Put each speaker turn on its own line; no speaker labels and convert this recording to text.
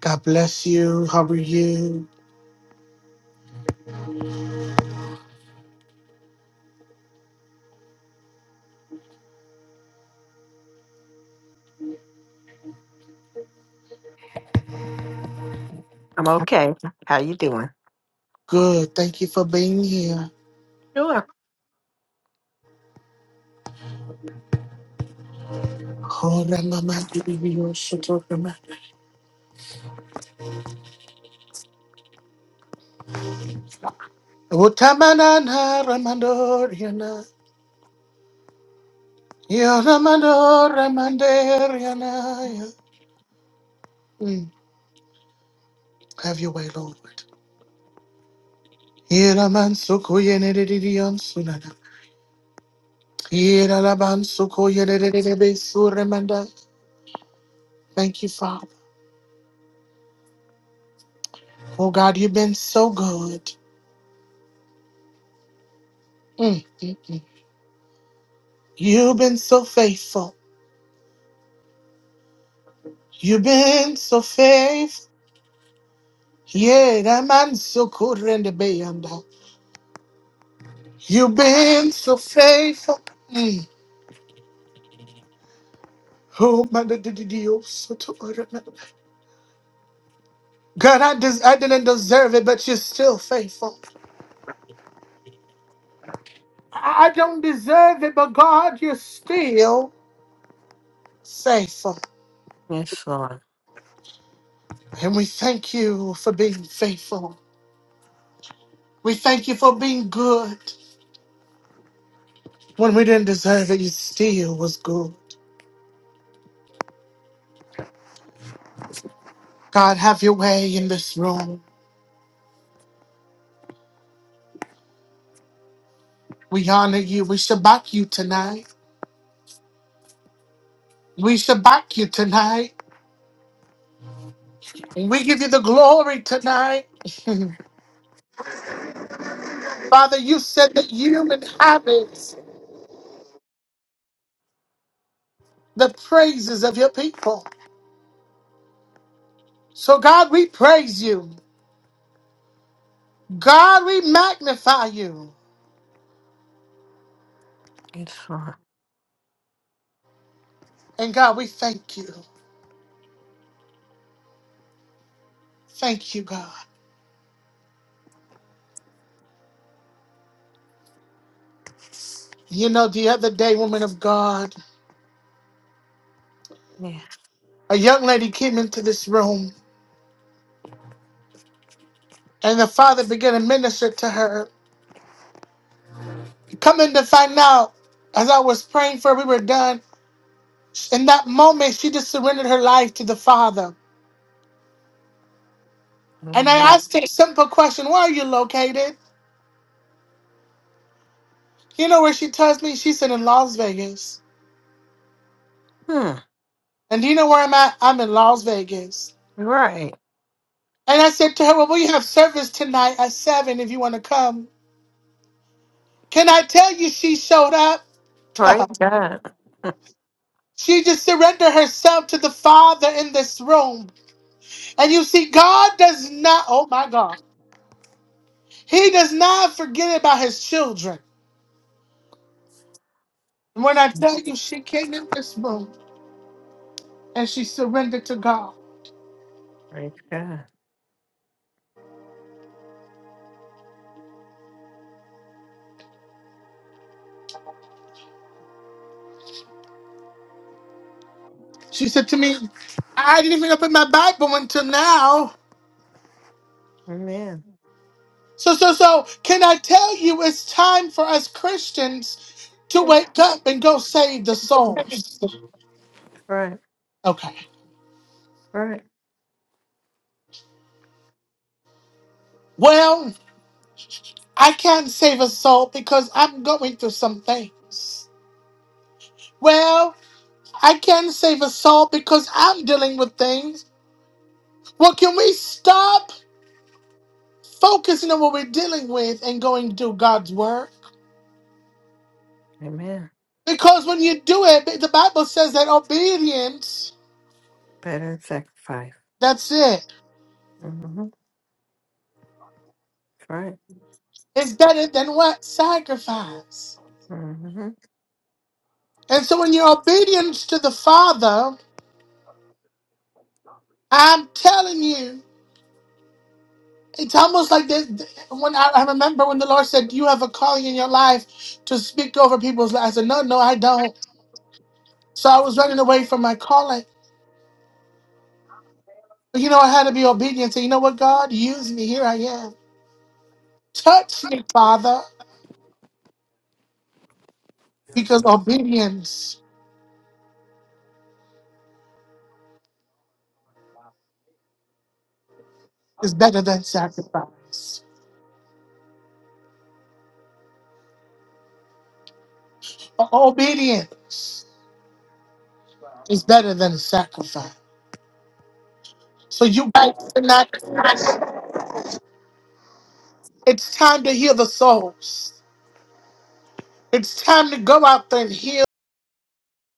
God bless you. How are you?
I'm okay. How you doing?
Good. Thank you for being here.
Sure.
Oh, Ramama, you should remember. Utamanana, Ramandoriana. Yo, Ramando, Ramandoriana. Mm. Have your way, Lord. Iraman suko yenedidion sunana. Iralaban suko yenedidibe suremanda. Thank you, Father. Oh God, you've been so good. Mm. You've been so faithful. You've been so faithful. Yeah, that man so cool in the bay and beyond. You've been so faithful. Mm. Oh man, the- the- the- the- oh, so to- oh, the- the- God, I, des- I didn't deserve it, but you're still faithful. I I don't deserve it, but God, you're still faithful.
It's fine.
And we thank you for being faithful. We thank you for being good. When we didn't deserve it, you still was good. God, have your way in this room. We honor you. We shabak you tonight. We shabak you tonight. We give you the glory tonight. Father, you said that you inhabit the praises of your people. So, God, we praise you. God, we magnify you.
It's fine.
And God, we thank you. Thank you, God. You know, the other day, woman of God,
Yeah.
a young lady came into this room and the Father began to minister to her. Coming to find out, as I was praying for her, we were done. In that moment, she just surrendered her life to the Father. And I
Amen.
asked her a simple question, where are you located? You know where she tells me? She said in Las Vegas.
Hmm.
And do you know where I'm at? I'm in Las Vegas.
Right.
And I said to her, Well, we have service tonight at seven if you want to come. Can I tell you she showed up?
Praise God.
she just surrendered herself to the Father in this room. And you see, God does not, oh my God, He does not forget about His children. And when I tell you she came in this room and she surrendered to God.
Praise God.
She said to me, I didn't even open my Bible until now.
Amen.
So, so, so, can I tell you it's time for us Christians to wake up and go save the souls?
Right.
Okay.
Right.
Well, I can't save a soul because I'm going through some things. Well, I can't save a soul because I'm dealing with things. Well, can we stop focusing on what we're dealing with and go and do God's work?
Amen.
Because when you do it, the Bible says that obedience
Better than sacrifice.
That's it.
Mm-hmm. Right.
It's better than what? Sacrifice.
Mm-hmm.
And so, in your obedience to the Father, I'm telling you, it's almost like this. When I, I remember when the Lord said, "You have a calling in your life to speak over people's lives," I said, "No, no, I don't." So I was running away from my calling. But you know, I had to be obedient. Say, you know what, God, use me. Here I am. Touch me, Father, because obedience
Okay,
is better than sacrifice. Obedience
Well,
is better than sacrifice. So you guys are It's time to hear the souls. It's time to go out there and hear.